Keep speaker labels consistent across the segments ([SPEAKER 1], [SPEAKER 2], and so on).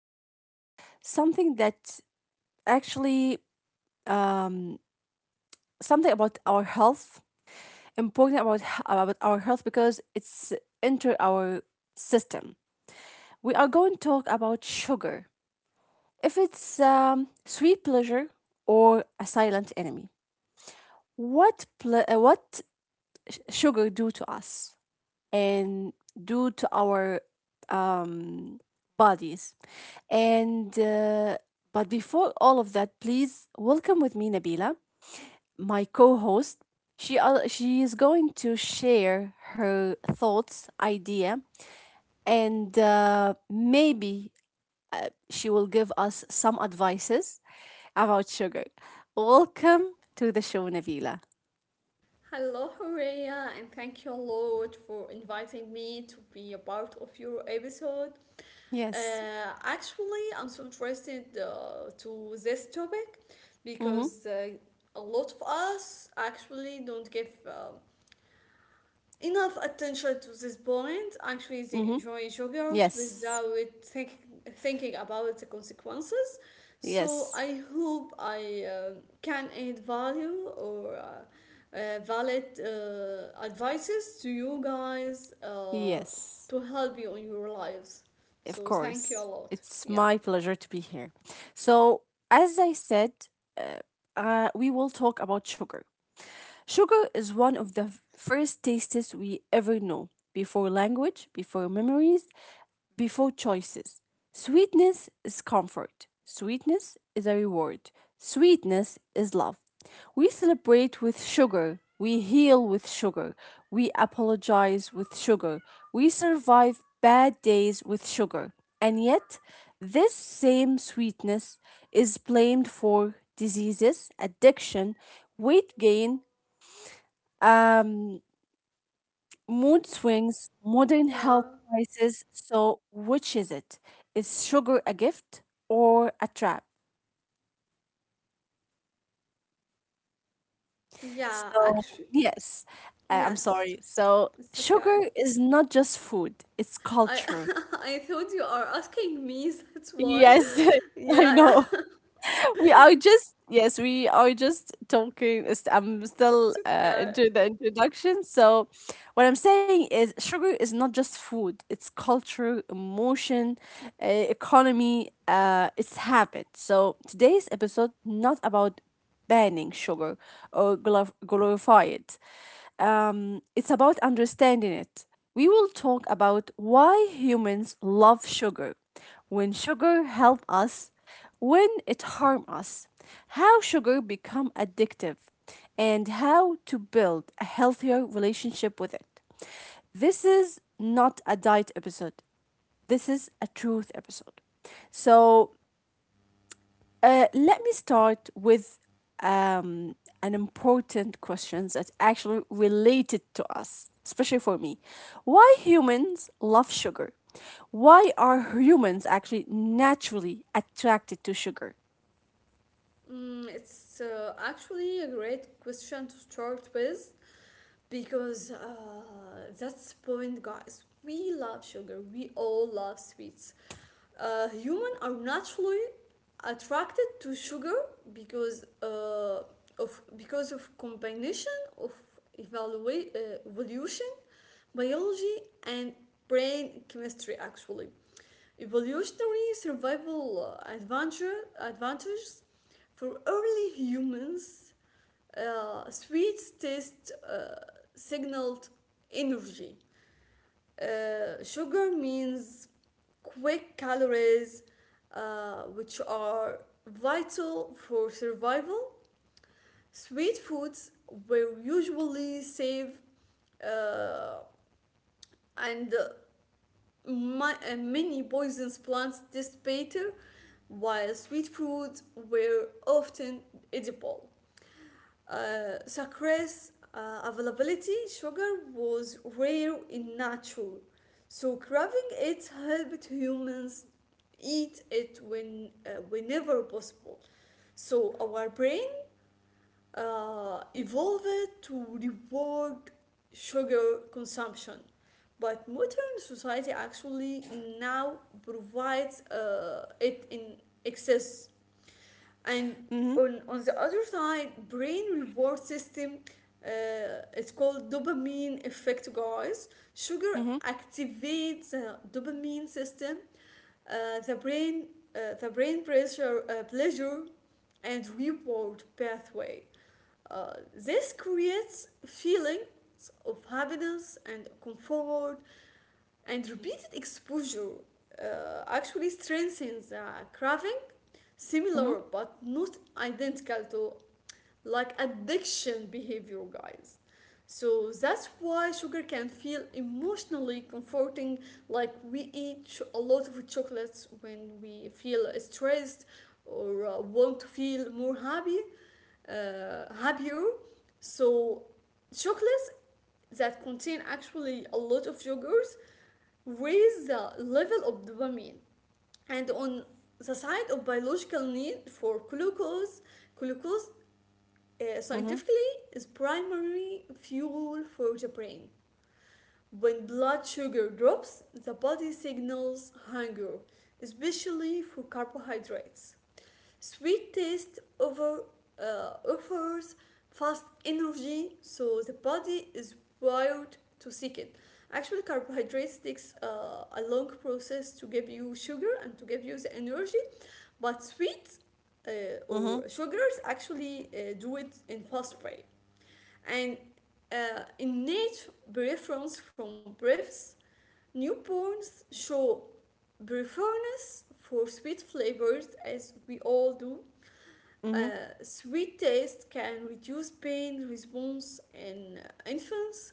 [SPEAKER 1] important, something that actually, um, something about our health, important about our health because it's entered our system. We are going to talk about sugar, if it's sweet pleasure or a silent enemy. What sugar do to us and do to our um, bodies, and but before all of that, please welcome with me Nabila, my co-host. She is going to share her thoughts, idea, and maybe she will give us some advices about sugar. Welcome to the show, Nabila.
[SPEAKER 2] Hello, Horea, and thank you a lot for inviting me to be a part of your episode.
[SPEAKER 1] Yes.
[SPEAKER 2] Actually, I'm so interested to this topic
[SPEAKER 1] Mm-hmm.
[SPEAKER 2] because a lot of us actually don't give enough attention to this point. Actually, they enjoy joggers
[SPEAKER 1] Yes,
[SPEAKER 2] without really thinking about the consequences. So
[SPEAKER 1] yes,
[SPEAKER 2] I hope I can add value or valid advices to you guys
[SPEAKER 1] yes,
[SPEAKER 2] to help you in your lives.
[SPEAKER 1] of
[SPEAKER 2] So thank you a
[SPEAKER 1] course.
[SPEAKER 2] lot.
[SPEAKER 1] It's
[SPEAKER 2] Yeah,
[SPEAKER 1] my pleasure to be here. So, as I said, uh, we will talk about sugar. Sugar is one of the first tastes we ever know before language, before memories, before choices. Sweetness is comfort. Sweetness is a reward. Sweetness is love. We celebrate with sugar. We heal with sugar. We apologize with sugar. We survive bad days with sugar. And yet, this same sweetness is blamed for diseases, addiction, weight gain, um, mood swings, modern health
[SPEAKER 2] yeah,
[SPEAKER 1] crisis. So, which is it? Is sugar a gift or a trap?
[SPEAKER 2] yeah.
[SPEAKER 1] So,
[SPEAKER 2] Actually,
[SPEAKER 1] yes, I'm
[SPEAKER 2] yes,
[SPEAKER 1] sorry. So,
[SPEAKER 2] it's okay.
[SPEAKER 1] sugar is not just food, it's
[SPEAKER 2] I
[SPEAKER 1] culture.
[SPEAKER 2] I thought you are asking me. That's why.
[SPEAKER 1] Yes, I
[SPEAKER 2] Yeah,
[SPEAKER 1] know.
[SPEAKER 2] yeah.
[SPEAKER 1] We are just, yes, we are just talking I'm still
[SPEAKER 2] It's okay.
[SPEAKER 1] into the introduction, so what I'm saying is sugar is not just food, it's culture, emotion, economy, it's habit. So today's episode not about banning sugar or glorify it, it's about understanding it. We will talk about why humans love sugar, when sugar help us, when it harm us, how sugar become addictive, and how to build a healthier relationship with it. This is not a diet episode. This is a truth episode. So let me start with um, an important question that actually related to us, especially for me. Why humans love sugar? Why are humans actually naturally attracted to sugar?
[SPEAKER 2] It's actually a great question to start with, because that's the point, guys. We love sugar. We all love sweets. Humans are naturally attracted to sugar because uh, because of combination of evolution, biology, and brain chemistry. Actually, evolutionary survival advantages for early humans, sweets taste signaled energy. Sugar means quick calories, which are vital for survival. Sweet foods were usually safe, uh, and many poisonous plants taste bitter, while sweet foods were often edible. Sucrose availability: sugar was rare in nature, so craving it helped humans eat it whenever possible. So our brain evolved to reward sugar consumption. But modern society actually now provides it in excess. And
[SPEAKER 1] Mhm,
[SPEAKER 2] on the other side, brain reward system, it's called dopamine effect, guys. Sugar
[SPEAKER 1] mhm,
[SPEAKER 2] activates the dopamine system. uh, the brain the brain pressure pleasure and reward pathway, this creates feelings of happiness and comfort, and repeated exposure actually strengthens the craving,
[SPEAKER 1] mhm,
[SPEAKER 2] similar but not identical to like addiction behavior, guys. So that's why sugar can feel emotionally comforting. Like we eat a lot of chocolates when we feel stressed or want to feel happier. So chocolates that contain actually a lot of sugars raise the level of dopamine. And on the side of biological need for glucose, glucose
[SPEAKER 1] mhm,
[SPEAKER 2] scientifically is primary fuel for the brain. When blood sugar drops, the body signals hunger, especially for carbohydrates. Sweet taste offers fast energy, so the body is wired to seek it. Actually, carbohydrates takes a long process to give you sugar and to give you the energy, but sweet or
[SPEAKER 1] mhm,
[SPEAKER 2] sugars actually do it in fast way. And innate preference from breaths. Newborns show preference for sweet flavors as we all do.
[SPEAKER 1] mhm,
[SPEAKER 2] Sweet taste can reduce pain response in infants.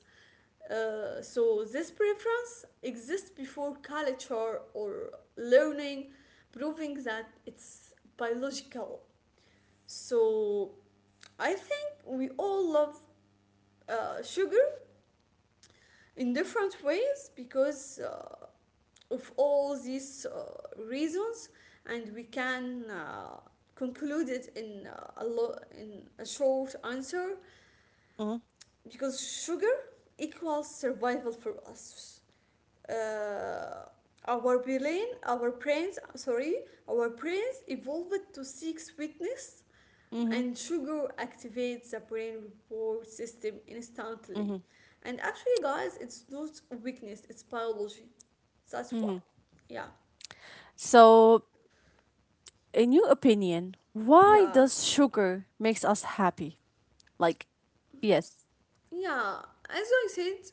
[SPEAKER 2] So this preference exists before culture or learning, proving that it's biological. So I think we all love sugar in different ways because of all these reasons, and we can conclude it in a short answer, because sugar equals survival for us. Uh, our brain our brains sorry our brains evolved to seek sweetness,
[SPEAKER 1] mhm, mhm,
[SPEAKER 2] and sugar activates the brain reward system
[SPEAKER 1] mhm,
[SPEAKER 2] instantly. And actually, guys, it's not weakness, it's biology. That's
[SPEAKER 1] mhm.
[SPEAKER 2] why. Yeah,
[SPEAKER 1] So, in your opinion, why
[SPEAKER 2] yeah,
[SPEAKER 1] does sugar makes us happy? Like, yes.
[SPEAKER 2] yeah. As I said,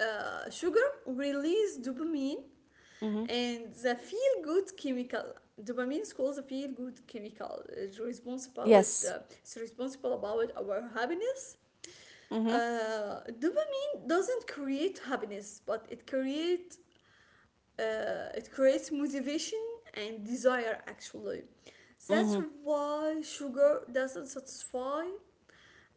[SPEAKER 2] sugar release dopamine
[SPEAKER 1] Mm-hmm.
[SPEAKER 2] and the feel good chemical. Dopamine is called the feel good chemical. It's responsible, with,
[SPEAKER 1] Yes.
[SPEAKER 2] uh, it's responsible about our happiness.
[SPEAKER 1] Mm-hmm.
[SPEAKER 2] Dopamine doesn't create happiness, but it creates motivation and desire. Actually,
[SPEAKER 1] Mm-hmm.
[SPEAKER 2] that's why sugar doesn't satisfy,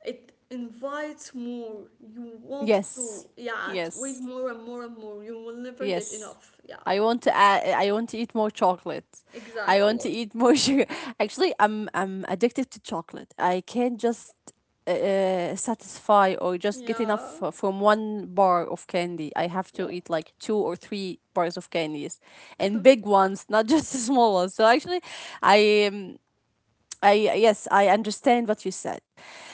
[SPEAKER 2] it invites more. You want
[SPEAKER 1] Yes.
[SPEAKER 2] to, yeah, to eat
[SPEAKER 1] Yes.
[SPEAKER 2] more and more and more. You will never get
[SPEAKER 1] Yes.
[SPEAKER 2] enough. Yeah.
[SPEAKER 1] I want to add, I want to eat more chocolate. I want to
[SPEAKER 2] Exactly.
[SPEAKER 1] eat more sugar. Actually, I'm addicted to chocolate. I can't just satisfy or just get enough
[SPEAKER 2] Yeah.
[SPEAKER 1] from one bar of candy. I have to eat
[SPEAKER 2] Well,
[SPEAKER 1] like two or three bars of candies and big ones, not just the small ones. So actually, I um, I, yes, I understand what you said.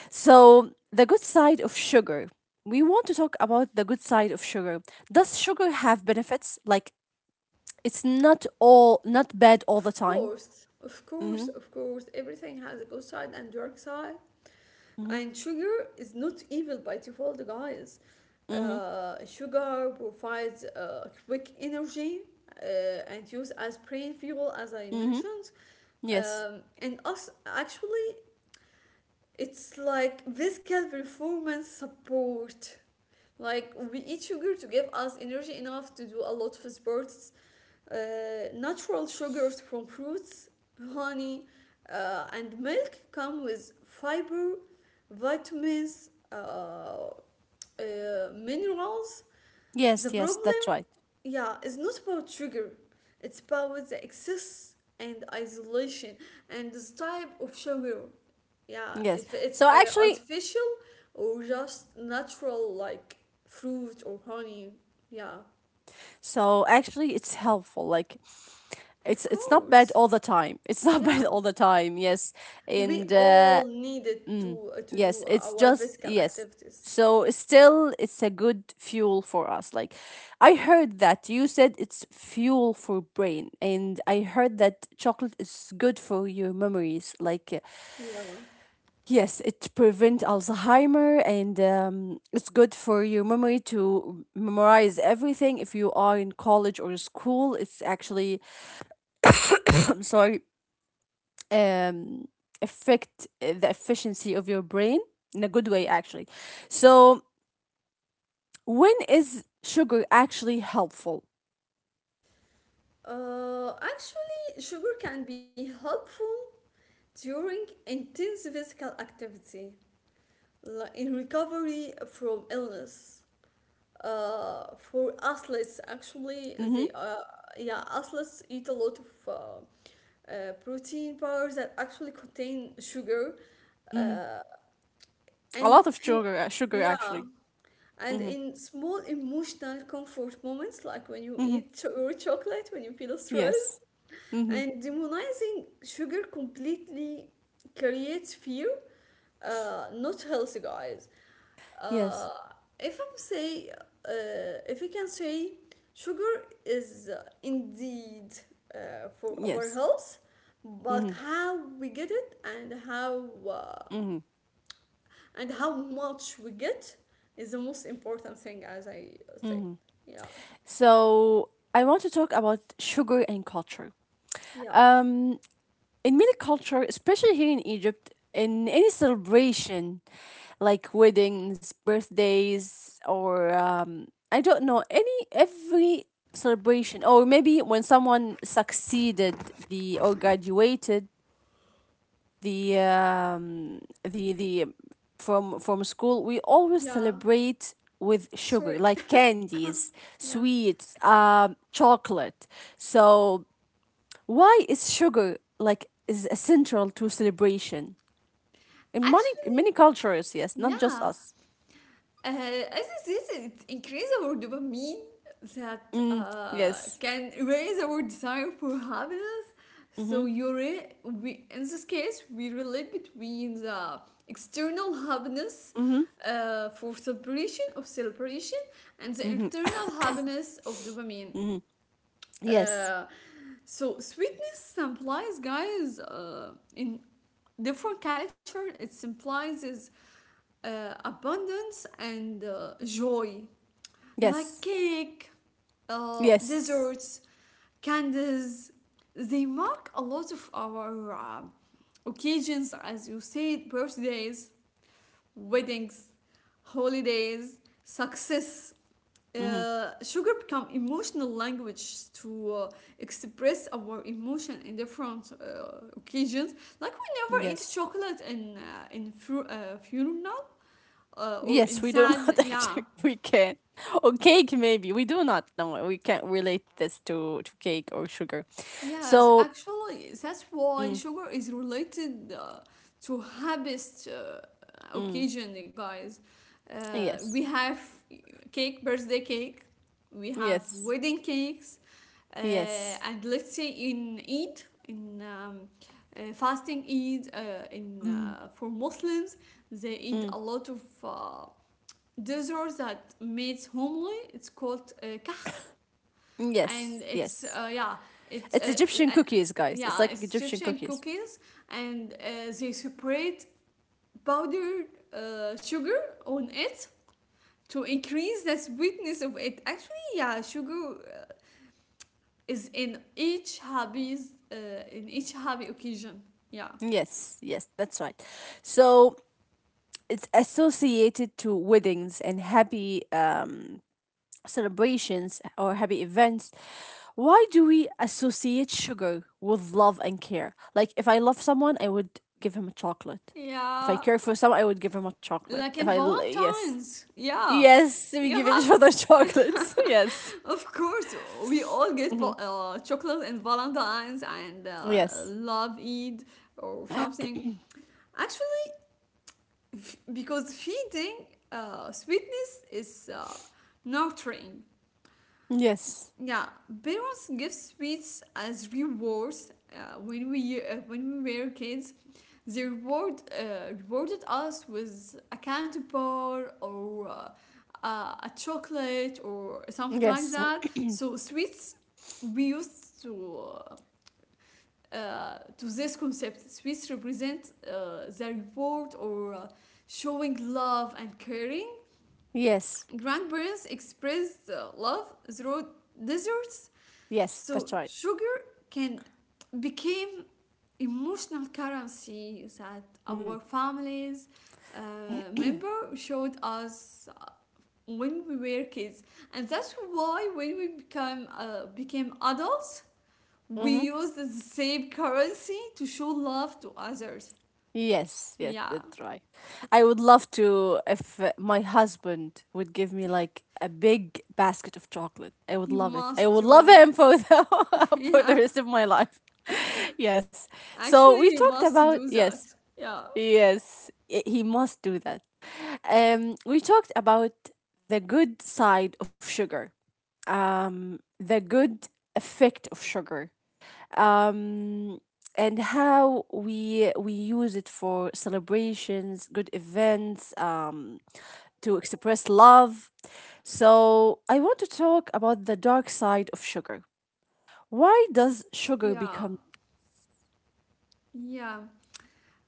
[SPEAKER 1] So the good side of sugar. We want to talk about the good side of sugar. Does sugar have benefits? Like it's not all not bad
[SPEAKER 2] of
[SPEAKER 1] all the time.
[SPEAKER 2] course, of course, of
[SPEAKER 1] Mhm.
[SPEAKER 2] course, everything has a good side and dark side. And
[SPEAKER 1] Mhm.
[SPEAKER 2] sugar is not evil by default, guys.
[SPEAKER 1] Mhm.
[SPEAKER 2] Sugar provides quick energy, uh, and used as brain fuel, as I
[SPEAKER 1] Mhm.
[SPEAKER 2] mentioned.
[SPEAKER 1] Yes.
[SPEAKER 2] And us actually, it's like physical performance support. Like we eat sugar to give us energy enough to do a lot of sports. uh, Natural sugars from fruits, honey, and milk come with fiber, vitamins, minerals.
[SPEAKER 1] Yes,
[SPEAKER 2] The
[SPEAKER 1] yes,
[SPEAKER 2] problem,
[SPEAKER 1] that's right.
[SPEAKER 2] yeah, is not about sugar, it's about the excess and isolation, and this type of sugar. Yeah,
[SPEAKER 1] Yes.
[SPEAKER 2] if it's
[SPEAKER 1] So actually
[SPEAKER 2] artificial or just natural, like fruit or honey. Yeah,
[SPEAKER 1] so actually it's helpful. Like
[SPEAKER 2] of
[SPEAKER 1] it's not bad
[SPEAKER 2] course.
[SPEAKER 1] all the time. It's not bad
[SPEAKER 2] Yeah.
[SPEAKER 1] all the time. Yes.
[SPEAKER 2] We
[SPEAKER 1] And
[SPEAKER 2] all needed to
[SPEAKER 1] yes,
[SPEAKER 2] do
[SPEAKER 1] it's
[SPEAKER 2] our
[SPEAKER 1] just
[SPEAKER 2] physical
[SPEAKER 1] yes.
[SPEAKER 2] activities.
[SPEAKER 1] So still it's a good fuel for us. Like I heard that you said it's fuel for brain and I heard that chocolate is good for your memories. Like
[SPEAKER 2] Yeah.
[SPEAKER 1] yes, it prevent Alzheimer and it's good for your memory to memorize everything if you are in college or school. It's actually I'm sorry, um affect the efficiency of your brain in a good way actually. So when is sugar actually helpful?
[SPEAKER 2] Actually, sugar can be helpful during intense physical activity, like in recovery from illness. For athletes, actually, they
[SPEAKER 1] Mm-hmm.
[SPEAKER 2] yeah, athletes eat a lot of protein bars that actually contain sugar.
[SPEAKER 1] Mm-hmm. A
[SPEAKER 2] And
[SPEAKER 1] lot of
[SPEAKER 2] in,
[SPEAKER 1] sugar, sugar
[SPEAKER 2] yeah,
[SPEAKER 1] actually.
[SPEAKER 2] and
[SPEAKER 1] Mm-hmm.
[SPEAKER 2] in small emotional comfort moments, like when you eat
[SPEAKER 1] Mm-hmm.
[SPEAKER 2] your chocolate, when you feel stressed,
[SPEAKER 1] Yes. Mm-hmm.
[SPEAKER 2] and demonizing sugar completely creates fear. Not healthy, guys. Uh,
[SPEAKER 1] Yes.
[SPEAKER 2] if we can say, sugar is indeed for our
[SPEAKER 1] Yes.
[SPEAKER 2] health,
[SPEAKER 1] Mm-hmm.
[SPEAKER 2] but how we get it and
[SPEAKER 1] Mm-hmm.
[SPEAKER 2] how much we get is the most important thing, as I say. Yeah.
[SPEAKER 1] So I want to talk about sugar and culture.
[SPEAKER 2] Yeah,
[SPEAKER 1] Um, in many culture, especially here in Egypt, in any celebration, like weddings, birthdays, or I don't know, any every celebration, or maybe when someone succeeded the or graduated the the from school, we always
[SPEAKER 2] yeah,
[SPEAKER 1] celebrate with
[SPEAKER 2] sorry.
[SPEAKER 1] sugar, like candies,
[SPEAKER 2] Yeah.
[SPEAKER 1] sweets, chocolate. So why is sugar like is essential to celebration in many
[SPEAKER 2] Actually,
[SPEAKER 1] many cultures? Yes, not just
[SPEAKER 2] yeah.
[SPEAKER 1] us.
[SPEAKER 2] As I said, it increases our dopamine that
[SPEAKER 1] Mm, yes.
[SPEAKER 2] can raise our desire for happiness.
[SPEAKER 1] Mm-hmm.
[SPEAKER 2] We, in this case, we relate between the external happiness
[SPEAKER 1] Mm-hmm.
[SPEAKER 2] for celebration of celebration and the
[SPEAKER 1] Mm-hmm.
[SPEAKER 2] internal happiness of dopamine.
[SPEAKER 1] Mm-hmm. Yes.
[SPEAKER 2] Uh, So sweetness implies, guys, in different culture, it implies is abundance and joy, like
[SPEAKER 1] Yes.
[SPEAKER 2] cake,
[SPEAKER 1] Yes.
[SPEAKER 2] desserts, candies. They mark a lot of our occasions, as you said: birthdays, weddings, holidays, success.
[SPEAKER 1] Mm-hmm.
[SPEAKER 2] Sugar become emotional language to express our emotion in different occasions. Like we never eat
[SPEAKER 1] Yes.
[SPEAKER 2] chocolate in fru- funeral or in
[SPEAKER 1] Yes, we do
[SPEAKER 2] sad.
[SPEAKER 1] not
[SPEAKER 2] Yeah.
[SPEAKER 1] actually. We can. Or cake, maybe. We do not. No, we can't relate this to cake or sugar.
[SPEAKER 2] Yes,
[SPEAKER 1] So,
[SPEAKER 2] actually, that's why
[SPEAKER 1] mm,
[SPEAKER 2] sugar is related to harvest
[SPEAKER 1] mm,
[SPEAKER 2] occasion, guys. We
[SPEAKER 1] yes.
[SPEAKER 2] have cake, birthday cake, we have
[SPEAKER 1] Yes.
[SPEAKER 2] wedding cakes,
[SPEAKER 1] Yes.
[SPEAKER 2] and let's say in Eid, in fasting Eid, in
[SPEAKER 1] Mm,
[SPEAKER 2] for Muslims, they eat
[SPEAKER 1] mm,
[SPEAKER 2] a lot of desserts that made homely. It's called and
[SPEAKER 1] yes.
[SPEAKER 2] It's
[SPEAKER 1] Yes.
[SPEAKER 2] yeah, it's
[SPEAKER 1] It's Egyptian
[SPEAKER 2] uh,
[SPEAKER 1] cookies, guys. It's
[SPEAKER 2] yeah,
[SPEAKER 1] like
[SPEAKER 2] it's
[SPEAKER 1] Egyptian
[SPEAKER 2] Egyptian
[SPEAKER 1] cookies.
[SPEAKER 2] cookies. And they separate powdered sugar on it to increase the sweetness of it. Actually, yeah. Sugar is in each hobbies in each hobby occasion. Yeah,
[SPEAKER 1] Yes, yes, that's right. So it's associated to weddings and happy celebrations or happy events. Why do we associate sugar with love and care? Like, if I love someone, I would give him a chocolate. If I
[SPEAKER 2] yeah.
[SPEAKER 1] care for someone, I would give him a chocolate.
[SPEAKER 2] Like
[SPEAKER 1] If
[SPEAKER 2] in
[SPEAKER 1] I, l- yes.
[SPEAKER 2] Valentine's. Yeah,
[SPEAKER 1] Yes, we
[SPEAKER 2] you
[SPEAKER 1] give
[SPEAKER 2] have,
[SPEAKER 1] each other chocolates. Yes.
[SPEAKER 2] of course, we all get chocolate and Valentine's and
[SPEAKER 1] Yes.
[SPEAKER 2] love Eid or something. Actually, because feeding sweetness is nurturing.
[SPEAKER 1] Yes.
[SPEAKER 2] Yeah, parents give sweets as rewards. When we when we were kids, they rewarded us with a candy bar or uh, a chocolate or something like
[SPEAKER 1] Yes.
[SPEAKER 2] that. So sweets, we used to. To this concept, sweets represent the reward or showing love and caring.
[SPEAKER 1] Yes.
[SPEAKER 2] Grandparents expressed love through desserts,
[SPEAKER 1] Yes.
[SPEAKER 2] so
[SPEAKER 1] That's right.
[SPEAKER 2] sugar can became emotional currency that our
[SPEAKER 1] Mhm.
[SPEAKER 2] families member showed us when we were kids. And that's why when we become became adults, we use the same currency to show love to others.
[SPEAKER 1] Yes, yes,
[SPEAKER 2] Yeah,
[SPEAKER 1] that's right. I would love to if my husband would give me like a big basket of chocolate. I would
[SPEAKER 2] he
[SPEAKER 1] love it. I
[SPEAKER 2] must
[SPEAKER 1] would love
[SPEAKER 2] do.
[SPEAKER 1] him for the for the
[SPEAKER 2] Yeah,
[SPEAKER 1] rest of my life. Yes. So
[SPEAKER 2] actually,
[SPEAKER 1] we
[SPEAKER 2] he
[SPEAKER 1] talked
[SPEAKER 2] must
[SPEAKER 1] about
[SPEAKER 2] do that.
[SPEAKER 1] yes,
[SPEAKER 2] Yeah,
[SPEAKER 1] yes. He must do that. We talked about the good side of sugar. The good effect of sugar, um, and how we use it for celebrations, good events, to express love. So I want to talk about the dark side of sugar. Why does sugar
[SPEAKER 2] yeah.
[SPEAKER 1] become?
[SPEAKER 2] Yeah,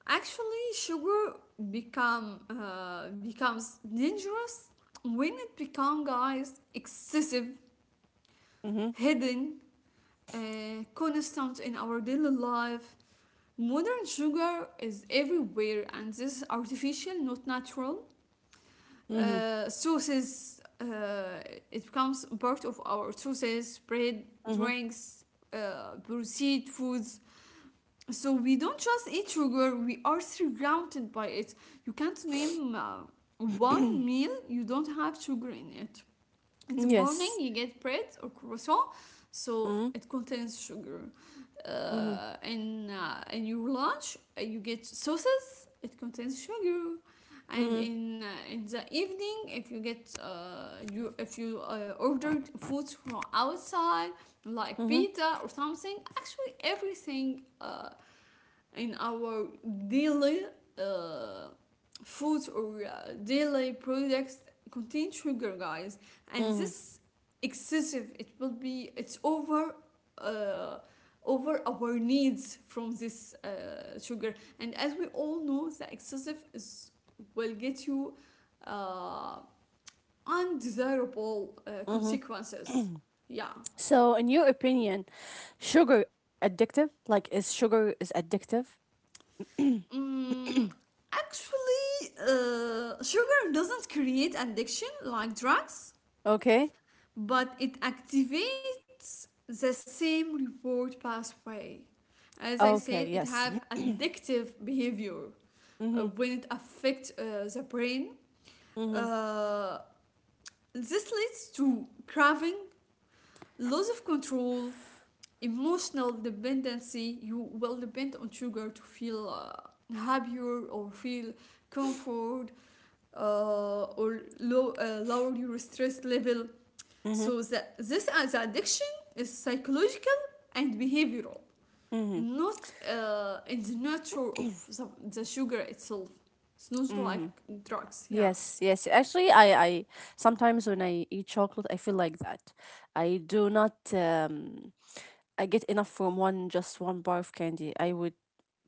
[SPEAKER 2] actually, sugar becomes dangerous when it becomes, guys, excessive,
[SPEAKER 1] Mm-hmm,
[SPEAKER 2] hidden, constant in our daily life. Modern sugar is everywhere, and this is artificial, not natural.
[SPEAKER 1] mm-hmm,
[SPEAKER 2] Uh, sauces, uh, it becomes part of our sauces, bread,
[SPEAKER 1] mm-hmm.
[SPEAKER 2] drinks, processed foods. So we don't trust each sugar, we are surrounded by it. You can't name one meal you don't have sugar in it. In the morning
[SPEAKER 1] Yes.
[SPEAKER 2] you get bread or croissant, so
[SPEAKER 1] Mm-hmm,
[SPEAKER 2] it contains sugar.
[SPEAKER 1] mm-hmm,
[SPEAKER 2] And In your lunch, you get sauces, it contains sugar. And
[SPEAKER 1] mm-hmm,
[SPEAKER 2] in the evening, if you ordered food from outside like
[SPEAKER 1] mm-hmm,
[SPEAKER 2] pizza or something. Actually, everything in our daily uh, food or daily products contain sugar, guys. And
[SPEAKER 1] mm-hmm.
[SPEAKER 2] this excessive, it will be it's over, uh, over our needs from this sugar. And as we all know, the excessive is will get you uh, undesirable
[SPEAKER 1] Mm-hmm.
[SPEAKER 2] consequences. Yeah.
[SPEAKER 1] So, in your opinion, sugar addictive? Like, is sugar is addictive?
[SPEAKER 2] Mm, actually, sugar doesn't create addiction like drugs,
[SPEAKER 1] Okay.
[SPEAKER 2] but it activates the same reward pathway. As I
[SPEAKER 1] Okay.
[SPEAKER 2] said, it
[SPEAKER 1] Yes.
[SPEAKER 2] have addictive behavior
[SPEAKER 1] Mm-hmm,
[SPEAKER 2] when it affects the brain. Uh, this leads to craving, loss of control, emotional dependency. You will depend on sugar to feel happier, or feel comfort or lower your stress level.
[SPEAKER 1] mm-hmm,
[SPEAKER 2] So this as addiction is psychological and behavioral,
[SPEAKER 1] mm-hmm.
[SPEAKER 2] not in the nature of the sugar itself. It's not like
[SPEAKER 1] Mm-hmm.
[SPEAKER 2] drugs. Yeah.
[SPEAKER 1] Yes, yes. Actually, I sometimes when I eat chocolate, I feel like that. I do not. I get enough from one just one bar of candy. I would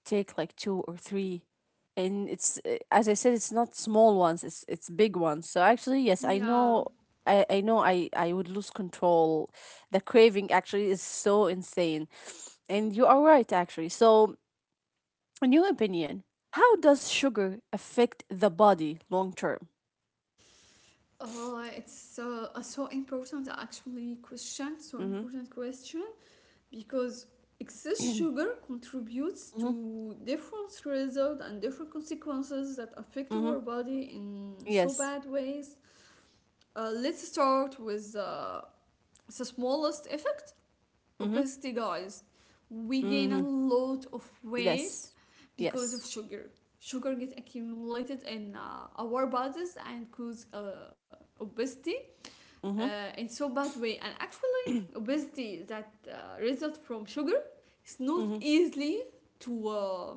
[SPEAKER 1] take like two or three, and it's as I said, it's not small ones. It's big ones. So actually, yes, I
[SPEAKER 2] Yeah.
[SPEAKER 1] know. I know I would lose control. The craving actually is so insane. And you are right, actually. So in your opinion, how does sugar affect the body long term?
[SPEAKER 2] It's a so important actually question, so
[SPEAKER 1] Mm-hmm.
[SPEAKER 2] important question. Because excess sugar contributes
[SPEAKER 1] Mm-hmm.
[SPEAKER 2] to different results and different consequences that affect
[SPEAKER 1] Mm-hmm.
[SPEAKER 2] our body in so
[SPEAKER 1] Yes.
[SPEAKER 2] bad ways. Let's start with the smallest effect,
[SPEAKER 1] Mm-hmm.
[SPEAKER 2] obesity guys. We gain a
[SPEAKER 1] Mm-hmm.
[SPEAKER 2] lot of
[SPEAKER 1] Yes.
[SPEAKER 2] weight because
[SPEAKER 1] Yes.
[SPEAKER 2] of sugar. Sugar gets accumulated in our bodies and cause obesity
[SPEAKER 1] Mm-hmm.
[SPEAKER 2] in so bad way. And actually obesity that results from sugar is not
[SPEAKER 1] Mm-hmm.
[SPEAKER 2] easily to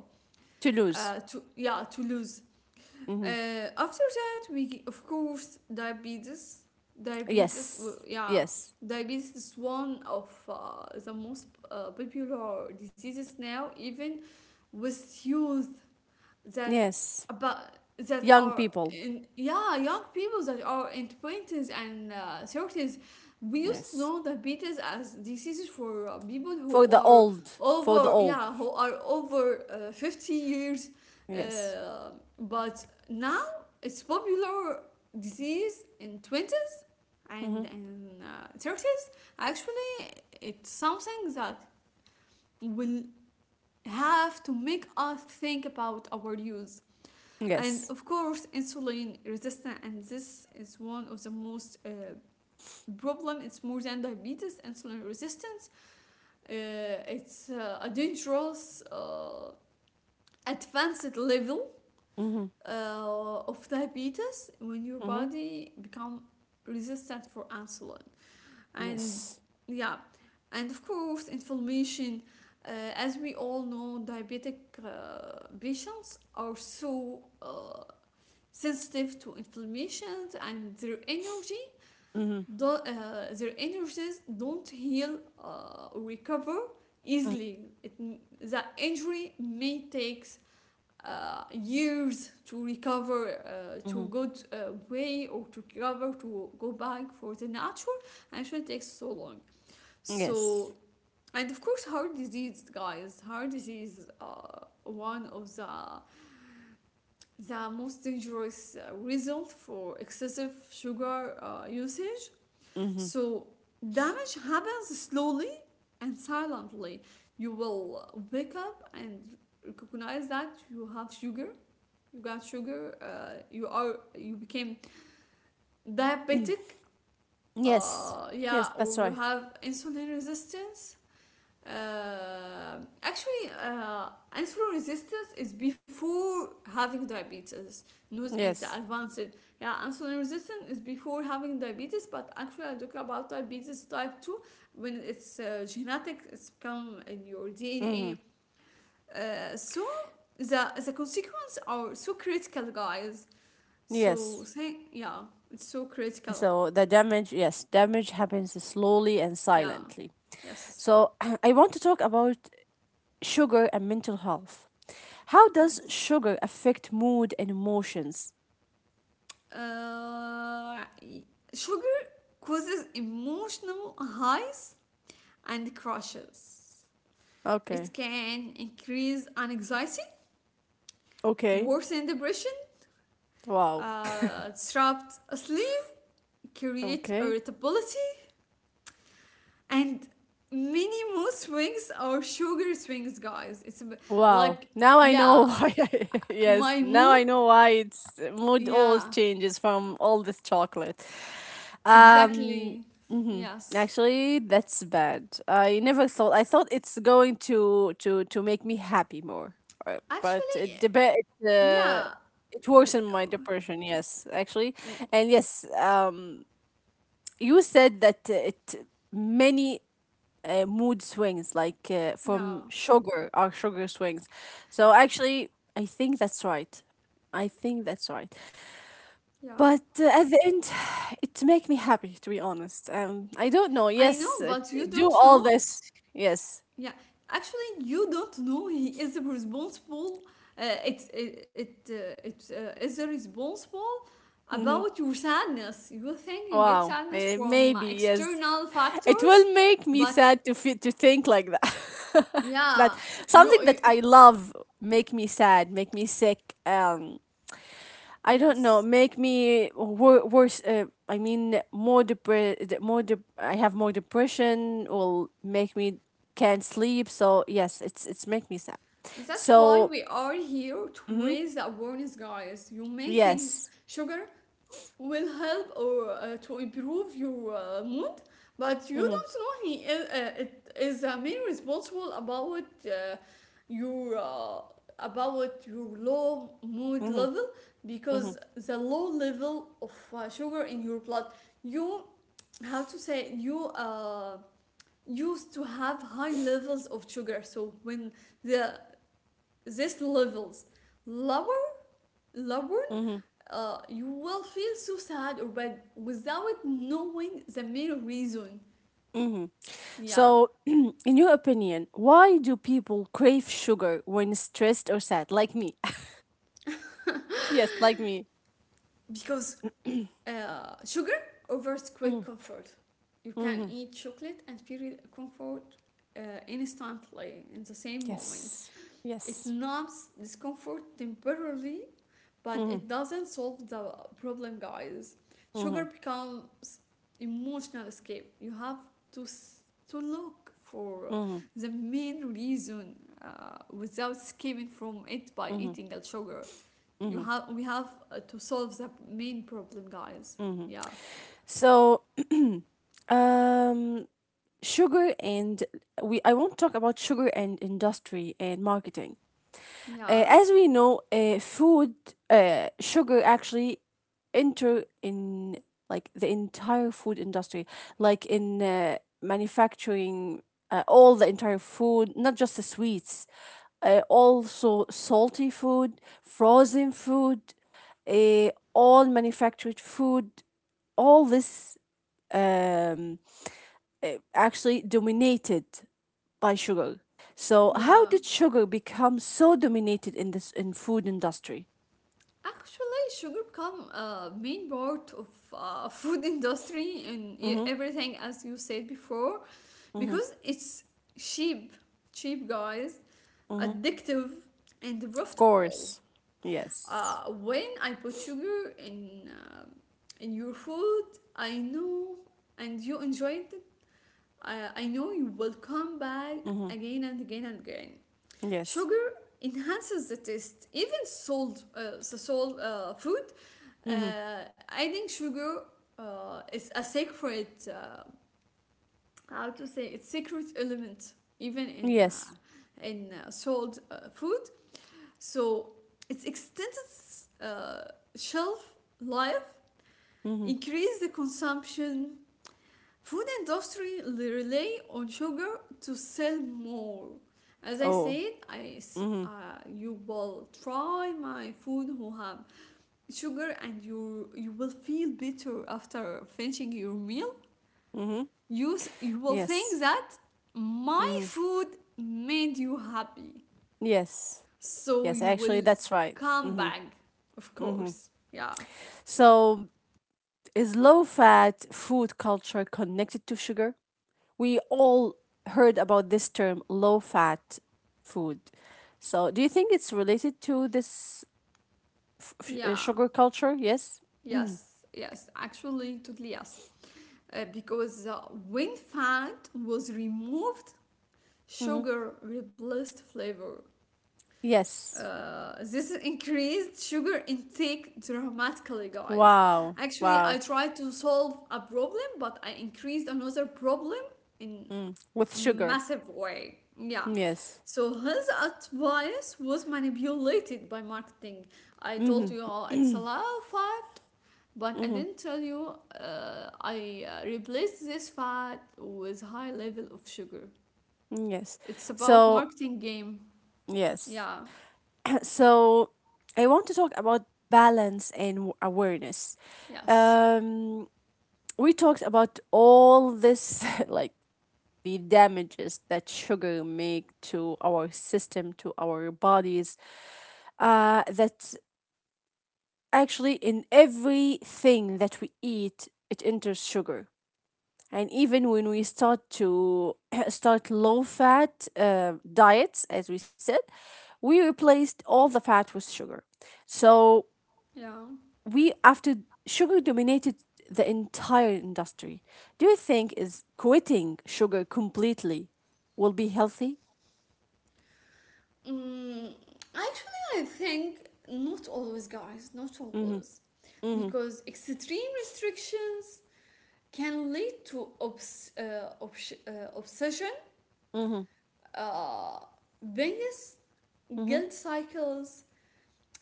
[SPEAKER 1] To lose.
[SPEAKER 2] to lose.
[SPEAKER 1] Mm-hmm.
[SPEAKER 2] uh, After that we of course diabetes, diabetes, well,
[SPEAKER 1] Yes.
[SPEAKER 2] yeah,
[SPEAKER 1] Yes.
[SPEAKER 2] diabetes is one of the most popular diseases now, even with youth, that
[SPEAKER 1] Yes.
[SPEAKER 2] about that
[SPEAKER 1] Young
[SPEAKER 2] are
[SPEAKER 1] people.
[SPEAKER 2] in, yeah, young people that are in 20s and 30s. We used to
[SPEAKER 1] Yes.
[SPEAKER 2] know diabetes as diseases for people who
[SPEAKER 1] For the
[SPEAKER 2] are
[SPEAKER 1] old. For the
[SPEAKER 2] over,
[SPEAKER 1] old.
[SPEAKER 2] yeah, who are over 50 years.
[SPEAKER 1] Yes.
[SPEAKER 2] uh, but now it's popular disease in 20s and
[SPEAKER 1] Mm-hmm.
[SPEAKER 2] in 30s. Actually it's something that will have to make us think about our use. And
[SPEAKER 1] Yes.
[SPEAKER 2] of course, insulin resistance, and this is one of the most problem. It's more than diabetes, insulin resistance. Uh, it's a dangerous advanced level
[SPEAKER 1] Mm-hmm.
[SPEAKER 2] of diabetes when your
[SPEAKER 1] Mm-hmm.
[SPEAKER 2] body become resistant for insulin. And
[SPEAKER 1] Yes.
[SPEAKER 2] yeah, and of course, inflammation. As we all know, diabetic patients are so sensitive to inflammations, and their energy
[SPEAKER 1] Mm-hmm.
[SPEAKER 2] do, their energies don't heal or recover easily. It, the injury may takes years to recover
[SPEAKER 1] Mm-hmm.
[SPEAKER 2] to good way, or to recover to go back for the natural, and it shouldn't take so long. So,
[SPEAKER 1] Yes.
[SPEAKER 2] and of course, heart disease guys, heart disease is one of the most dangerous result for excessive sugar usage.
[SPEAKER 1] Mm-hmm.
[SPEAKER 2] So, damage happens slowly and silently. You will wake up and recognize that you have sugar, you got sugar, you are, you became diabetic,
[SPEAKER 1] Yes.
[SPEAKER 2] yeah,
[SPEAKER 1] Yes,
[SPEAKER 2] or
[SPEAKER 1] that's
[SPEAKER 2] you
[SPEAKER 1] right.
[SPEAKER 2] have insulin resistance. Actually, insulin resistance is before having diabetes. News in the
[SPEAKER 1] Yes.
[SPEAKER 2] advanced. Yeah, insulin resistance is before having diabetes, but actually, I talk about diabetes type 2 when it's genetic, it's come in your
[SPEAKER 1] Mm-hmm.
[SPEAKER 2] DNA. So, the consequences are so critical, guys. So,
[SPEAKER 1] Yes.
[SPEAKER 2] thank, yeah, it's so critical.
[SPEAKER 1] So the damage, yes, damage happens slowly and
[SPEAKER 2] Yeah,
[SPEAKER 1] silently.
[SPEAKER 2] yes,
[SPEAKER 1] So I want to talk about sugar and mental health. How does
[SPEAKER 2] yes.
[SPEAKER 1] sugar affect mood and emotions?
[SPEAKER 2] Uh, sugar causes emotional highs and crashes.
[SPEAKER 1] Okay.
[SPEAKER 2] It can increase anxiety,
[SPEAKER 1] Okay.
[SPEAKER 2] worsen depression,
[SPEAKER 1] Wow.
[SPEAKER 2] disrupt sleep, create
[SPEAKER 1] Okay.
[SPEAKER 2] irritability, and many mood swings or sugar swings, guys. It's a bit
[SPEAKER 1] Wow.
[SPEAKER 2] like,
[SPEAKER 1] Now I know
[SPEAKER 2] yeah,
[SPEAKER 1] why. I, yes.
[SPEAKER 2] my
[SPEAKER 1] Now
[SPEAKER 2] mood,
[SPEAKER 1] I know why it's mood always
[SPEAKER 2] yeah,
[SPEAKER 1] changes from all this chocolate. Um,
[SPEAKER 2] exactly.
[SPEAKER 1] hmm.
[SPEAKER 2] Yes.
[SPEAKER 1] Actually, that's bad. I never thought. I thought it's going to to make me happy more, but
[SPEAKER 2] Actually,
[SPEAKER 1] it
[SPEAKER 2] yeah.
[SPEAKER 1] it
[SPEAKER 2] w-
[SPEAKER 1] worsened my depression. Yes, actually,
[SPEAKER 2] w-
[SPEAKER 1] and yes. You said that it many mood swings, like
[SPEAKER 2] Yeah,
[SPEAKER 1] from sugar, or sugar swings. So actually, I think that's right. I think that's right.
[SPEAKER 2] yeah.
[SPEAKER 1] But at the end, it make me happy to be honest. I don't know.
[SPEAKER 2] I know,
[SPEAKER 1] Yes,
[SPEAKER 2] but you
[SPEAKER 1] do
[SPEAKER 2] don't
[SPEAKER 1] all
[SPEAKER 2] know.
[SPEAKER 1] this. Yes.
[SPEAKER 2] Yeah, actually, you don't know he is responsible. It is responsible
[SPEAKER 1] Hmm.
[SPEAKER 2] about your sadness. You think you get
[SPEAKER 1] Wow.
[SPEAKER 2] sadness from
[SPEAKER 1] Maybe yes.
[SPEAKER 2] external
[SPEAKER 1] It
[SPEAKER 2] factors,
[SPEAKER 1] will make
[SPEAKER 2] but
[SPEAKER 1] me sad to feel, to think like that.
[SPEAKER 2] yeah,
[SPEAKER 1] That
[SPEAKER 2] you,
[SPEAKER 1] something
[SPEAKER 2] you
[SPEAKER 1] that I love make me sad, make me sick. I don't
[SPEAKER 2] yes.
[SPEAKER 1] know, make me worse. I mean, more depre- more de- I have more depression. Will make me can't sleep. So yes, it's make me sad.
[SPEAKER 2] That's why
[SPEAKER 1] So
[SPEAKER 2] we are here to
[SPEAKER 1] mm-hmm,
[SPEAKER 2] raise the awareness, guys. You may think
[SPEAKER 1] yes.
[SPEAKER 2] sugar will help or to improve your mood, but you
[SPEAKER 1] Mm-hmm,
[SPEAKER 2] don't know he is, it is main responsible about your about your low mood level,
[SPEAKER 1] mm-hmm, mm-hmm,
[SPEAKER 2] because the low level of sugar in your blood, you have to say you used to have high levels of sugar, so when the, this levels lower, lower,
[SPEAKER 1] mm-hmm,
[SPEAKER 2] you will feel so sad or bad without knowing the main reason.
[SPEAKER 1] mm-hmm.
[SPEAKER 2] Yeah,
[SPEAKER 1] So, in your opinion, why do people crave sugar when stressed or sad, like me? Yes, like me.
[SPEAKER 2] because sugar offers quick
[SPEAKER 1] Mm,
[SPEAKER 2] comfort. You can
[SPEAKER 1] mm-hmm,
[SPEAKER 2] eat chocolate and feel comfort uh, instantly in the same moment.
[SPEAKER 1] yes,
[SPEAKER 2] It
[SPEAKER 1] yes.
[SPEAKER 2] numbs discomfort temporarily, but
[SPEAKER 1] Mm-hmm,
[SPEAKER 2] it doesn't solve the problem, guys. Sugar
[SPEAKER 1] mm-hmm,
[SPEAKER 2] becomes emotional escape. You have to s- to look for
[SPEAKER 1] mm-hmm,
[SPEAKER 2] the main reason, without escaping from it by
[SPEAKER 1] mm-hmm,
[SPEAKER 2] eating a sugar. you
[SPEAKER 1] mm-hmm.
[SPEAKER 2] have we have to solve the main problem, guys.
[SPEAKER 1] Mm-hmm.
[SPEAKER 2] Yeah,
[SPEAKER 1] So, um, sugar and we I won't talk about sugar and industry and marketing.
[SPEAKER 2] yeah,
[SPEAKER 1] As we know, food, sugar actually enter in like the entire food industry, like in manufacturing all the entire food, not just the sweets, also salty food, frozen food, all manufactured food, all this um, actually dominated by sugar. So how
[SPEAKER 2] yeah,
[SPEAKER 1] did sugar become so dominated in this in food industry?
[SPEAKER 2] actually sugar become a main part of food industry and e-
[SPEAKER 1] Mm-hmm.
[SPEAKER 2] everything, as you said before,
[SPEAKER 1] Mm-hmm.
[SPEAKER 2] because it's cheap, cheap guys,
[SPEAKER 1] Mm-hmm.
[SPEAKER 2] addictive and
[SPEAKER 1] Of
[SPEAKER 2] profitable.
[SPEAKER 1] course. Yes.
[SPEAKER 2] When I put sugar in your food, I know, and you enjoyed it. I know you will come back
[SPEAKER 1] Mm-hmm.
[SPEAKER 2] again and again and again.
[SPEAKER 1] Yes.
[SPEAKER 2] Sugar enhances the taste. Even salt, the salt food, uh,
[SPEAKER 1] Mm-hmm.
[SPEAKER 2] adding sugar is a sacred how to say, it's secret element, even in
[SPEAKER 1] Yes.
[SPEAKER 2] sold food. So its extended uh, shelf life,
[SPEAKER 1] Mm-hmm.
[SPEAKER 2] increase the consumption. Food industry rely on sugar to sell more. As I
[SPEAKER 1] Oh.
[SPEAKER 2] said,
[SPEAKER 1] Mm-hmm.
[SPEAKER 2] you will try my food who have sugar, and you will feel better after finishing your meal.
[SPEAKER 1] Mm-hmm.
[SPEAKER 2] You, you will
[SPEAKER 1] Yes.
[SPEAKER 2] think that my
[SPEAKER 1] Mm-hmm.
[SPEAKER 2] food made you happy.
[SPEAKER 1] Yes.
[SPEAKER 2] So
[SPEAKER 1] Yes.
[SPEAKER 2] you
[SPEAKER 1] Actually,
[SPEAKER 2] will
[SPEAKER 1] that's right.
[SPEAKER 2] come
[SPEAKER 1] Mm-hmm.
[SPEAKER 2] back, of
[SPEAKER 1] Mm-hmm.
[SPEAKER 2] course. Yeah,
[SPEAKER 1] So is low fat food culture connected to sugar? We all heard about this term low fat food. So, do you think it's related to this
[SPEAKER 2] yeah,
[SPEAKER 1] sugar culture? Yes.
[SPEAKER 2] yes, yes, actually, totally yes. Because when fat was removed,
[SPEAKER 1] Hmm.
[SPEAKER 2] sugar replaced flavor.
[SPEAKER 1] Yes.
[SPEAKER 2] This increased sugar intake dramatically, guys.
[SPEAKER 1] Wow.
[SPEAKER 2] Actually, I
[SPEAKER 1] Wow.
[SPEAKER 2] tried to solve a problem, but I increased another problem in
[SPEAKER 1] Mm. With sugar.
[SPEAKER 2] massive way. Yeah.
[SPEAKER 1] Yes.
[SPEAKER 2] So his advice was manipulated by marketing. I told
[SPEAKER 1] Mm-hmm.
[SPEAKER 2] you all it's a lot of fat, but I
[SPEAKER 1] Mm-hmm.
[SPEAKER 2] didn't tell you I replaced this fat with high level of sugar.
[SPEAKER 1] Yes.
[SPEAKER 2] It's about
[SPEAKER 1] So,
[SPEAKER 2] marketing game.
[SPEAKER 1] yes.
[SPEAKER 2] Yeah.
[SPEAKER 1] So, I want to talk about balance and awareness.
[SPEAKER 2] Yes.
[SPEAKER 1] Um, we talked about all this like the damages that sugar make to our system to our bodies that actually in everything that we eat it enters sugar, and even when we start to start low fat diets, as we said, we replaced all the fat with sugar. So
[SPEAKER 2] Yeah.
[SPEAKER 1] we, after sugar dominated the entire industry, do you think is quitting sugar completely will be healthy?
[SPEAKER 2] Mm, actually, I think not always, guys, not
[SPEAKER 1] Mm-hmm.
[SPEAKER 2] always.
[SPEAKER 1] Mm-hmm.
[SPEAKER 2] Because extreme restrictions can lead to obsession,
[SPEAKER 1] Mm-hmm.
[SPEAKER 2] uh, biggest
[SPEAKER 1] Mm-hmm.
[SPEAKER 2] guilt cycles.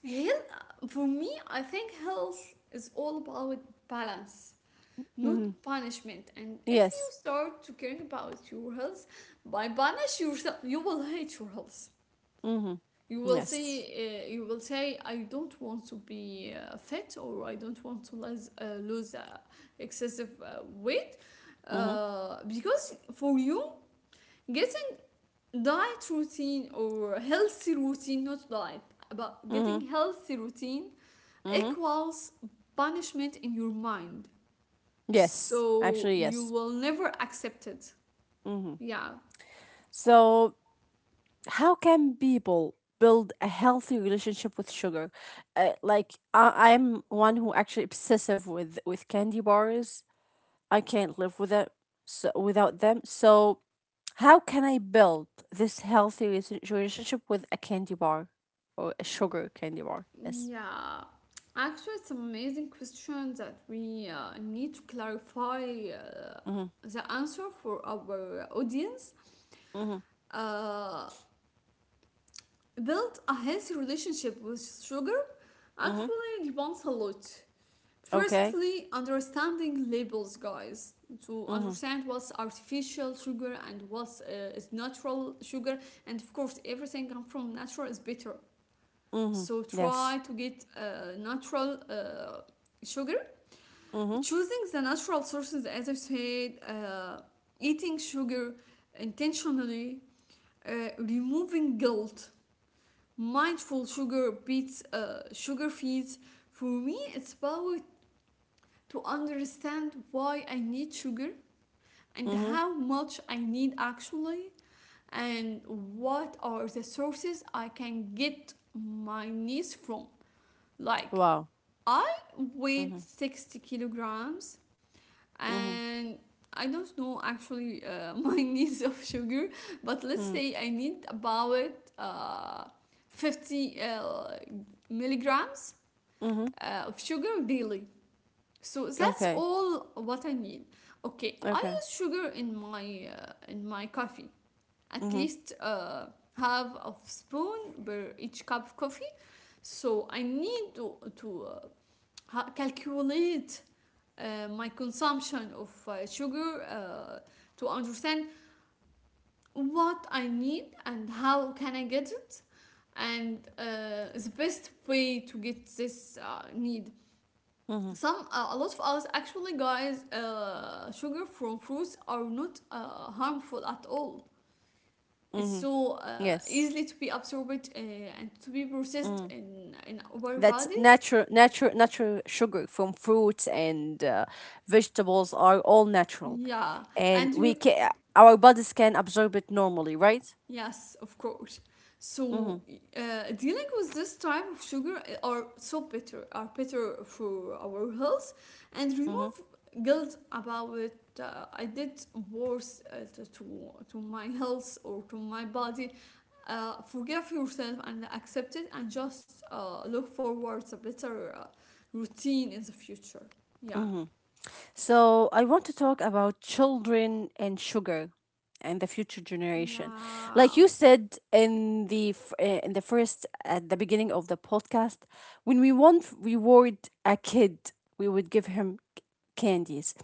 [SPEAKER 2] Health, for me, I think health is all about balance, not
[SPEAKER 1] Mm-hmm.
[SPEAKER 2] punishment. And if you
[SPEAKER 1] Yes.
[SPEAKER 2] start to care about your health by punish yourself, you will hate your health.
[SPEAKER 1] Mm-hmm. Yes.
[SPEAKER 2] You will say, I don't want to be fit, or I don't want to lose excessive weight,
[SPEAKER 1] Mm-hmm.
[SPEAKER 2] because for you, getting diet routine or healthy routine, not diet, but
[SPEAKER 1] Mm-hmm.
[SPEAKER 2] getting healthy routine,
[SPEAKER 1] Mm-hmm.
[SPEAKER 2] equals punishment in your mind,
[SPEAKER 1] Yes.
[SPEAKER 2] so
[SPEAKER 1] Actually,
[SPEAKER 2] you
[SPEAKER 1] yes.
[SPEAKER 2] will never accept it,
[SPEAKER 1] Mm-hmm.
[SPEAKER 2] yeah.
[SPEAKER 1] So, how can people build a healthy relationship with sugar? Like, I'm one who actually obsessive with candy bars. I can't live with it so without them. So, how can I build this healthy relationship with a candy bar or a sugar candy bar? Yes.
[SPEAKER 2] Yeah, actually, it's an amazing question that we need to clarify uh,
[SPEAKER 1] Mm-hmm.
[SPEAKER 2] the answer for our audience.
[SPEAKER 1] Mm-hmm.
[SPEAKER 2] Uh, build a healthy relationship with sugar
[SPEAKER 1] Mm-hmm.
[SPEAKER 2] actually depends a lot.
[SPEAKER 1] Okay.
[SPEAKER 2] Firstly, understanding labels, guys. To
[SPEAKER 1] Mhm.
[SPEAKER 2] understand what's artificial sugar and what's is natural sugar, and of course, everything come from natural is better.
[SPEAKER 1] Mhm.
[SPEAKER 2] So
[SPEAKER 1] Yes.
[SPEAKER 2] try to get natural sugar,
[SPEAKER 1] Mhm.
[SPEAKER 2] choosing the natural sources. As I said, eating sugar intentionally, removing guilt, mindful sugar beats sugar feeds. For me it's about to understand why I need sugar, and
[SPEAKER 1] Mhm.
[SPEAKER 2] how much I need, actually, and what are the sources I can get my needs from, like,
[SPEAKER 1] Wow.
[SPEAKER 2] I weighed
[SPEAKER 1] Mhm.
[SPEAKER 2] 60 kilograms,
[SPEAKER 1] Mhm.
[SPEAKER 2] and I don't know actually my needs of sugar, but let's
[SPEAKER 1] Mhm.
[SPEAKER 2] say I need about uh, 50 milligrams
[SPEAKER 1] Mhm.
[SPEAKER 2] of sugar daily. So that's
[SPEAKER 1] Okay.
[SPEAKER 2] all what I need. Okay, I
[SPEAKER 1] Okay.
[SPEAKER 2] use sugar in my coffee. At
[SPEAKER 1] Mhm.
[SPEAKER 2] least half of spoon per each cup of coffee. So I need to calculate my consumption of sugar to understand what I need and how can I get it, and the best way to get this need.
[SPEAKER 1] Mhm.
[SPEAKER 2] Some a lot of us, actually guys, sugar from fruits are not harmful at all.
[SPEAKER 1] Mhm.
[SPEAKER 2] It's so
[SPEAKER 1] Yes.
[SPEAKER 2] easily to be absorbed, and to be
[SPEAKER 1] Mm.
[SPEAKER 2] processed in our
[SPEAKER 1] That's
[SPEAKER 2] bodies.
[SPEAKER 1] natural, natural, natural sugar from fruits and vegetables are all natural,
[SPEAKER 2] Yeah, and
[SPEAKER 1] and
[SPEAKER 2] you,
[SPEAKER 1] we can our bodies can absorb it normally, right?
[SPEAKER 2] yes, of course. So,
[SPEAKER 1] Mm-hmm.
[SPEAKER 2] dealing with this type of sugar are so better, are better for our health, and remove guilt about it. I did worse to my health or to my body. Forgive yourself and accept it, and just look forward to better routine in the future. Yeah.
[SPEAKER 1] So, I want to talk about children and sugar and the future generation. Like
[SPEAKER 2] Yeah.
[SPEAKER 1] you said in the in the first at the beginning of the podcast, when we want to reward a kid, we would give him candies.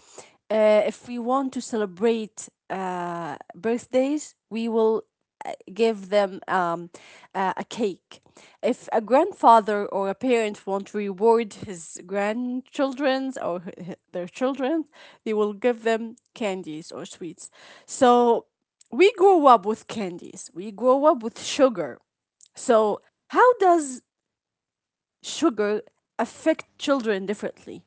[SPEAKER 1] If we want to celebrate birthdays, we will give them a cake. If a grandfather or a parent won't reward his grandchildren's or their children, they will give them candies or sweets. So we grow up with candies, we grow up with sugar. So, how does sugar affect children differently?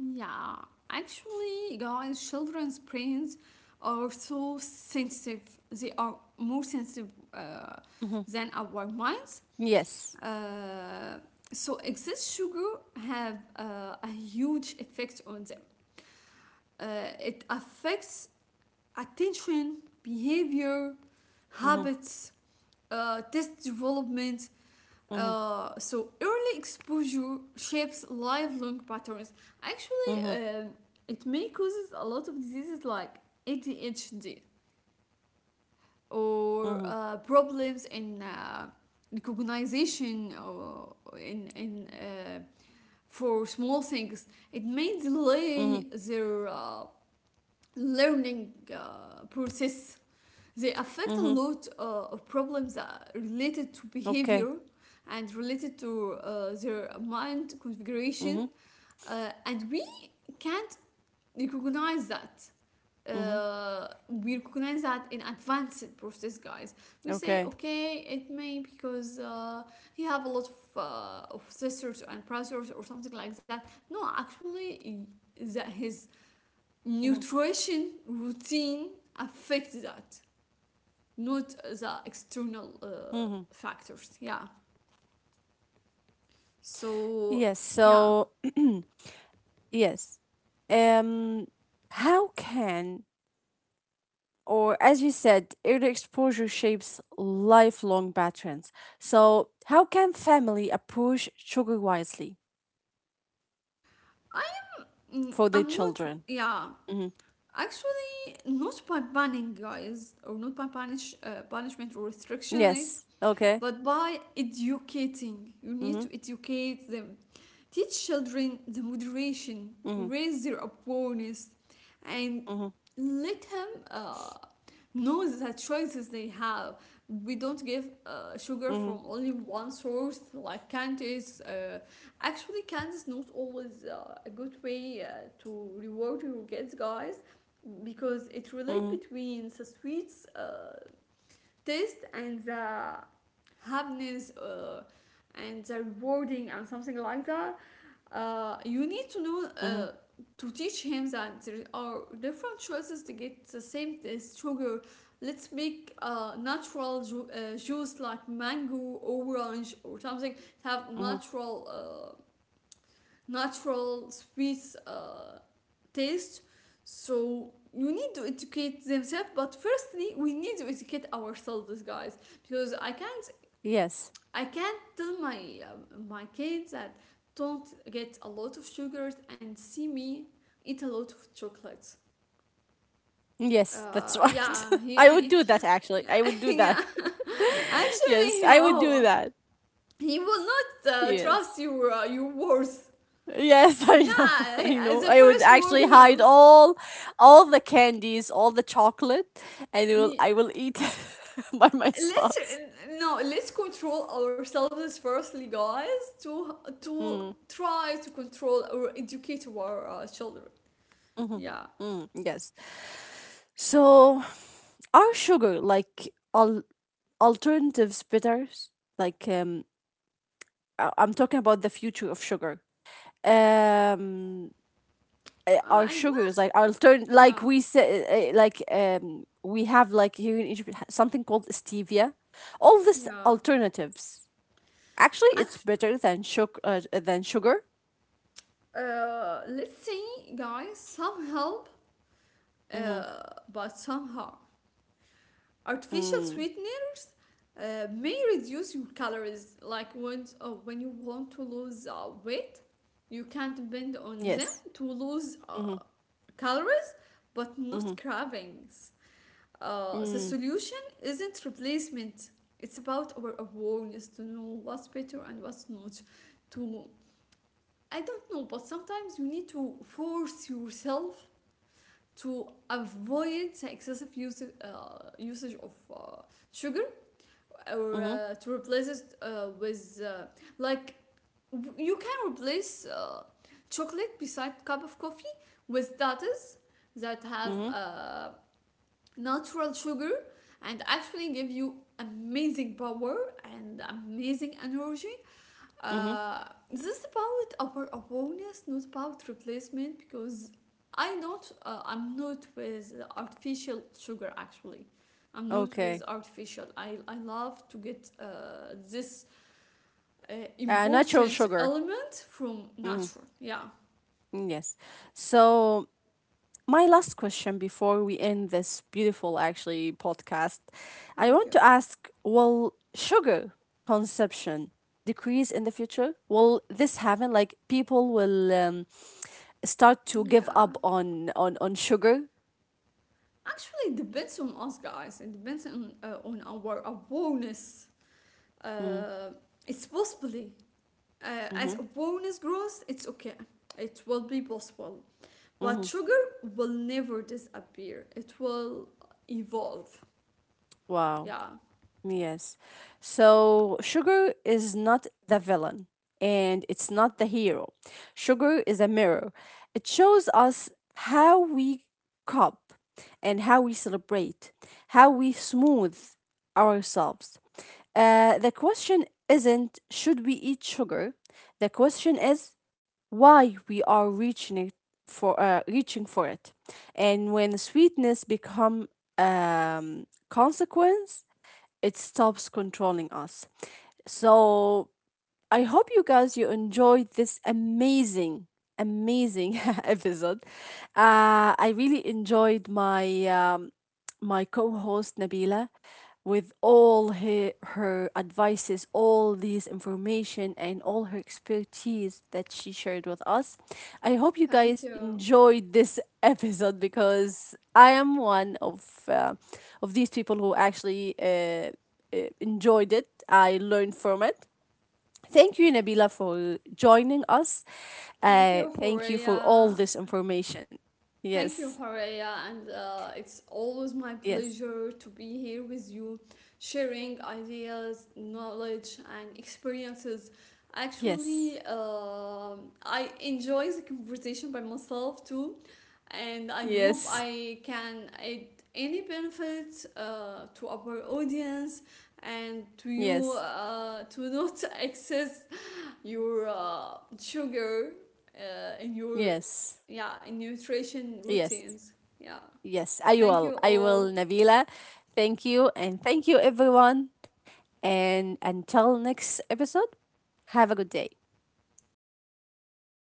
[SPEAKER 2] Yeah, actually, guys, children's brains are so sensitive. They are more sensitive
[SPEAKER 1] Mm-hmm.
[SPEAKER 2] than our minds.
[SPEAKER 1] Yes.
[SPEAKER 2] Uh, so excess sugar have a huge effect on them. It affects attention, behavior,
[SPEAKER 1] Mm-hmm.
[SPEAKER 2] habits, test development,
[SPEAKER 1] Mm-hmm.
[SPEAKER 2] so early exposure shapes lifelong patterns. Actually,
[SPEAKER 1] Mm-hmm.
[SPEAKER 2] it may causes a lot of diseases like ADHD, or
[SPEAKER 1] Mm-hmm.
[SPEAKER 2] problems in recognition, or in for small things. It may delay
[SPEAKER 1] Mm-hmm.
[SPEAKER 2] their learning process. They affect a
[SPEAKER 1] Mm-hmm.
[SPEAKER 2] lot of problems that are related to
[SPEAKER 1] Okay.
[SPEAKER 2] behavior, and related to their mind
[SPEAKER 1] Mm-hmm.
[SPEAKER 2] configuration, and we can't recognize that.
[SPEAKER 1] Mm-hmm.
[SPEAKER 2] We recognize that in advanced process, guys. We say,
[SPEAKER 1] Okay.
[SPEAKER 2] okay, it may because he have a lot of sisters and brothers or something like that. No, actually, that his
[SPEAKER 1] Mm-hmm.
[SPEAKER 2] nutrition routine affects that, not the external
[SPEAKER 1] Mm-hmm.
[SPEAKER 2] factors. Yeah. So,
[SPEAKER 1] Yes,
[SPEAKER 2] yeah.
[SPEAKER 1] so yes. Um how can, or as you said, early exposure shapes lifelong patterns. So how can family approach sugar wisely
[SPEAKER 2] Mm,
[SPEAKER 1] for their
[SPEAKER 2] I'm not,
[SPEAKER 1] children?
[SPEAKER 2] yeah.
[SPEAKER 1] Hmm.
[SPEAKER 2] Actually, not by banning guys, or not by punishment or
[SPEAKER 1] Yes.
[SPEAKER 2] restriction,
[SPEAKER 1] Okay.
[SPEAKER 2] it. But by educating.
[SPEAKER 1] Mm-hmm.
[SPEAKER 2] You need to educate them. Teach children the moderation,
[SPEAKER 1] Mm-hmm.
[SPEAKER 2] raise their awareness,
[SPEAKER 1] Mm-hmm.
[SPEAKER 2] and let him knows the choices they have. We don't give sugar
[SPEAKER 1] Mm-hmm.
[SPEAKER 2] from only one source like candies. Actually, candy is not always a good way to reward your kids, guys, because it relates
[SPEAKER 1] Mm-hmm.
[SPEAKER 2] between the sweets taste and the happiness and the rewarding and something like that. You need to know
[SPEAKER 1] Mm-hmm.
[SPEAKER 2] to teach him that there are different choices to get the same taste sugar. Let's make natural juice like mango, orange, or something, have
[SPEAKER 1] Mm-hmm.
[SPEAKER 2] natural uh, natural sweet taste. So you need to educate themselves, but firstly we need to educate ourselves, guys, because i can't
[SPEAKER 1] Yes.
[SPEAKER 2] i can't tell my kids that don't get a lot of sugars, and see me eat a lot of chocolates.
[SPEAKER 1] Yes,
[SPEAKER 2] uh
[SPEAKER 1] that's right.
[SPEAKER 2] yeah yeah
[SPEAKER 1] I would do that actually.
[SPEAKER 2] yeah
[SPEAKER 1] I would do
[SPEAKER 2] Yeah,
[SPEAKER 1] that.
[SPEAKER 2] actually
[SPEAKER 1] Yes,
[SPEAKER 2] he
[SPEAKER 1] I would do
[SPEAKER 2] will,
[SPEAKER 1] that.
[SPEAKER 2] he will not trust
[SPEAKER 1] Yes.
[SPEAKER 2] your words.
[SPEAKER 1] Yes, I
[SPEAKER 2] Yeah,
[SPEAKER 1] know. I know.
[SPEAKER 2] the
[SPEAKER 1] I would
[SPEAKER 2] first word
[SPEAKER 1] actually
[SPEAKER 2] he will.
[SPEAKER 1] hide all the candies, all the chocolate, and it will,
[SPEAKER 2] Yeah,
[SPEAKER 1] I will eat by
[SPEAKER 2] let's,
[SPEAKER 1] myself.
[SPEAKER 2] no, let's control ourselves firstly, guys, to
[SPEAKER 1] Mm,
[SPEAKER 2] try to control or educate our children. Yeah,
[SPEAKER 1] mm, yes. So, are sugar like al- alternatives bitters? Like I'm talking about the future of sugar. Um
[SPEAKER 2] I
[SPEAKER 1] our
[SPEAKER 2] was.
[SPEAKER 1] sugars like altern
[SPEAKER 2] Yeah,
[SPEAKER 1] like we say like we have like here in Egypt something called stevia, all these
[SPEAKER 2] yeah.
[SPEAKER 1] alternatives. Actually, it's
[SPEAKER 2] Actually,
[SPEAKER 1] better than sugar. Than sugar.
[SPEAKER 2] let's say, guys, some help,
[SPEAKER 1] Mm-hmm.
[SPEAKER 2] but some harm. Artificial
[SPEAKER 1] Mm.
[SPEAKER 2] sweeteners may reduce your calories, like when you want to lose weight, you can depend on them
[SPEAKER 1] Yes.
[SPEAKER 2] to lose
[SPEAKER 1] Mm-hmm.
[SPEAKER 2] calories, but not
[SPEAKER 1] Mm-hmm.
[SPEAKER 2] cravings. The
[SPEAKER 1] Mm.
[SPEAKER 2] solution isn't replacement, it's about our awareness to know what's better and what's not. To, I don't know, but sometimes you need to force yourself to avoid the excessive usage of sugar, or
[SPEAKER 1] Mm-hmm.
[SPEAKER 2] to replace it with like, you can replace chocolate beside cup of coffee with datas that have
[SPEAKER 1] Mm-hmm.
[SPEAKER 2] natural sugar, and actually give you amazing power and amazing energy,
[SPEAKER 1] Mm-hmm.
[SPEAKER 2] uh, this is about our awareness, not about replacement, because I'm not with artificial sugar, actually. I'm not with
[SPEAKER 1] Okay.
[SPEAKER 2] artificial. I love to get this uh,
[SPEAKER 1] Natural
[SPEAKER 2] important
[SPEAKER 1] sugar.
[SPEAKER 2] element from
[SPEAKER 1] Mm-hmm.
[SPEAKER 2] nature. Yeah,
[SPEAKER 1] Mm, yes. So my last question before we end this beautiful actually podcast, I want
[SPEAKER 2] thank
[SPEAKER 1] to
[SPEAKER 2] you.
[SPEAKER 1] ask: will sugar consumption decrease in the future? Will this happen? Like people will start to give
[SPEAKER 2] Yeah,
[SPEAKER 1] up on on sugar?
[SPEAKER 2] actually, it depends on us, guys. It depends on our awareness.
[SPEAKER 1] Mm.
[SPEAKER 2] Uh, it's possibly, as
[SPEAKER 1] Mm-hmm.
[SPEAKER 2] a bonus growth, it's okay. It will be possible. But
[SPEAKER 1] Mhm.
[SPEAKER 2] sugar will never disappear. It will evolve.
[SPEAKER 1] Wow.
[SPEAKER 2] Yeah.
[SPEAKER 1] Yes. So sugar is not the villain and it's not the hero. Sugar is a mirror. It shows us how we cope and how we celebrate, how we smooth ourselves. The question isn't should we eat sugar? The question is why we are reaching it for reaching for it. And when sweetness become consequence, it stops controlling us. So I hope you guys you enjoyed this amazing amazing episode. I really enjoyed my my co-host Nabila with all her, her advices, all these information and all her expertise that she shared with us. I hope you guys
[SPEAKER 2] Thank you.
[SPEAKER 1] enjoyed this episode because I am one uh, of these people who actually enjoyed it. I learned from it. Thank you, Nabila, for joining us.
[SPEAKER 2] Thank you,
[SPEAKER 1] Thank you for all
[SPEAKER 2] Horea.
[SPEAKER 1] this information.
[SPEAKER 2] Thank
[SPEAKER 1] Yes,
[SPEAKER 2] you, Horea, and it's always my
[SPEAKER 1] yes,
[SPEAKER 2] pleasure to be here with you, sharing ideas, knowledge, and experiences.
[SPEAKER 1] yes,
[SPEAKER 2] Actually, um, I enjoy the conversation by myself too, and I hope
[SPEAKER 1] yes,
[SPEAKER 2] I can add any benefit to our audience, and to you,
[SPEAKER 1] yes,
[SPEAKER 2] to not access your sugar in your,
[SPEAKER 1] yes,
[SPEAKER 2] yeah, in nutrition
[SPEAKER 1] yes,
[SPEAKER 2] routines. Yeah.
[SPEAKER 1] yes. I
[SPEAKER 2] Thank you
[SPEAKER 1] will. I
[SPEAKER 2] all.
[SPEAKER 1] will, Nabila. Thank you, and thank you, everyone. And until next episode, have a good day.
[SPEAKER 2] Thank you.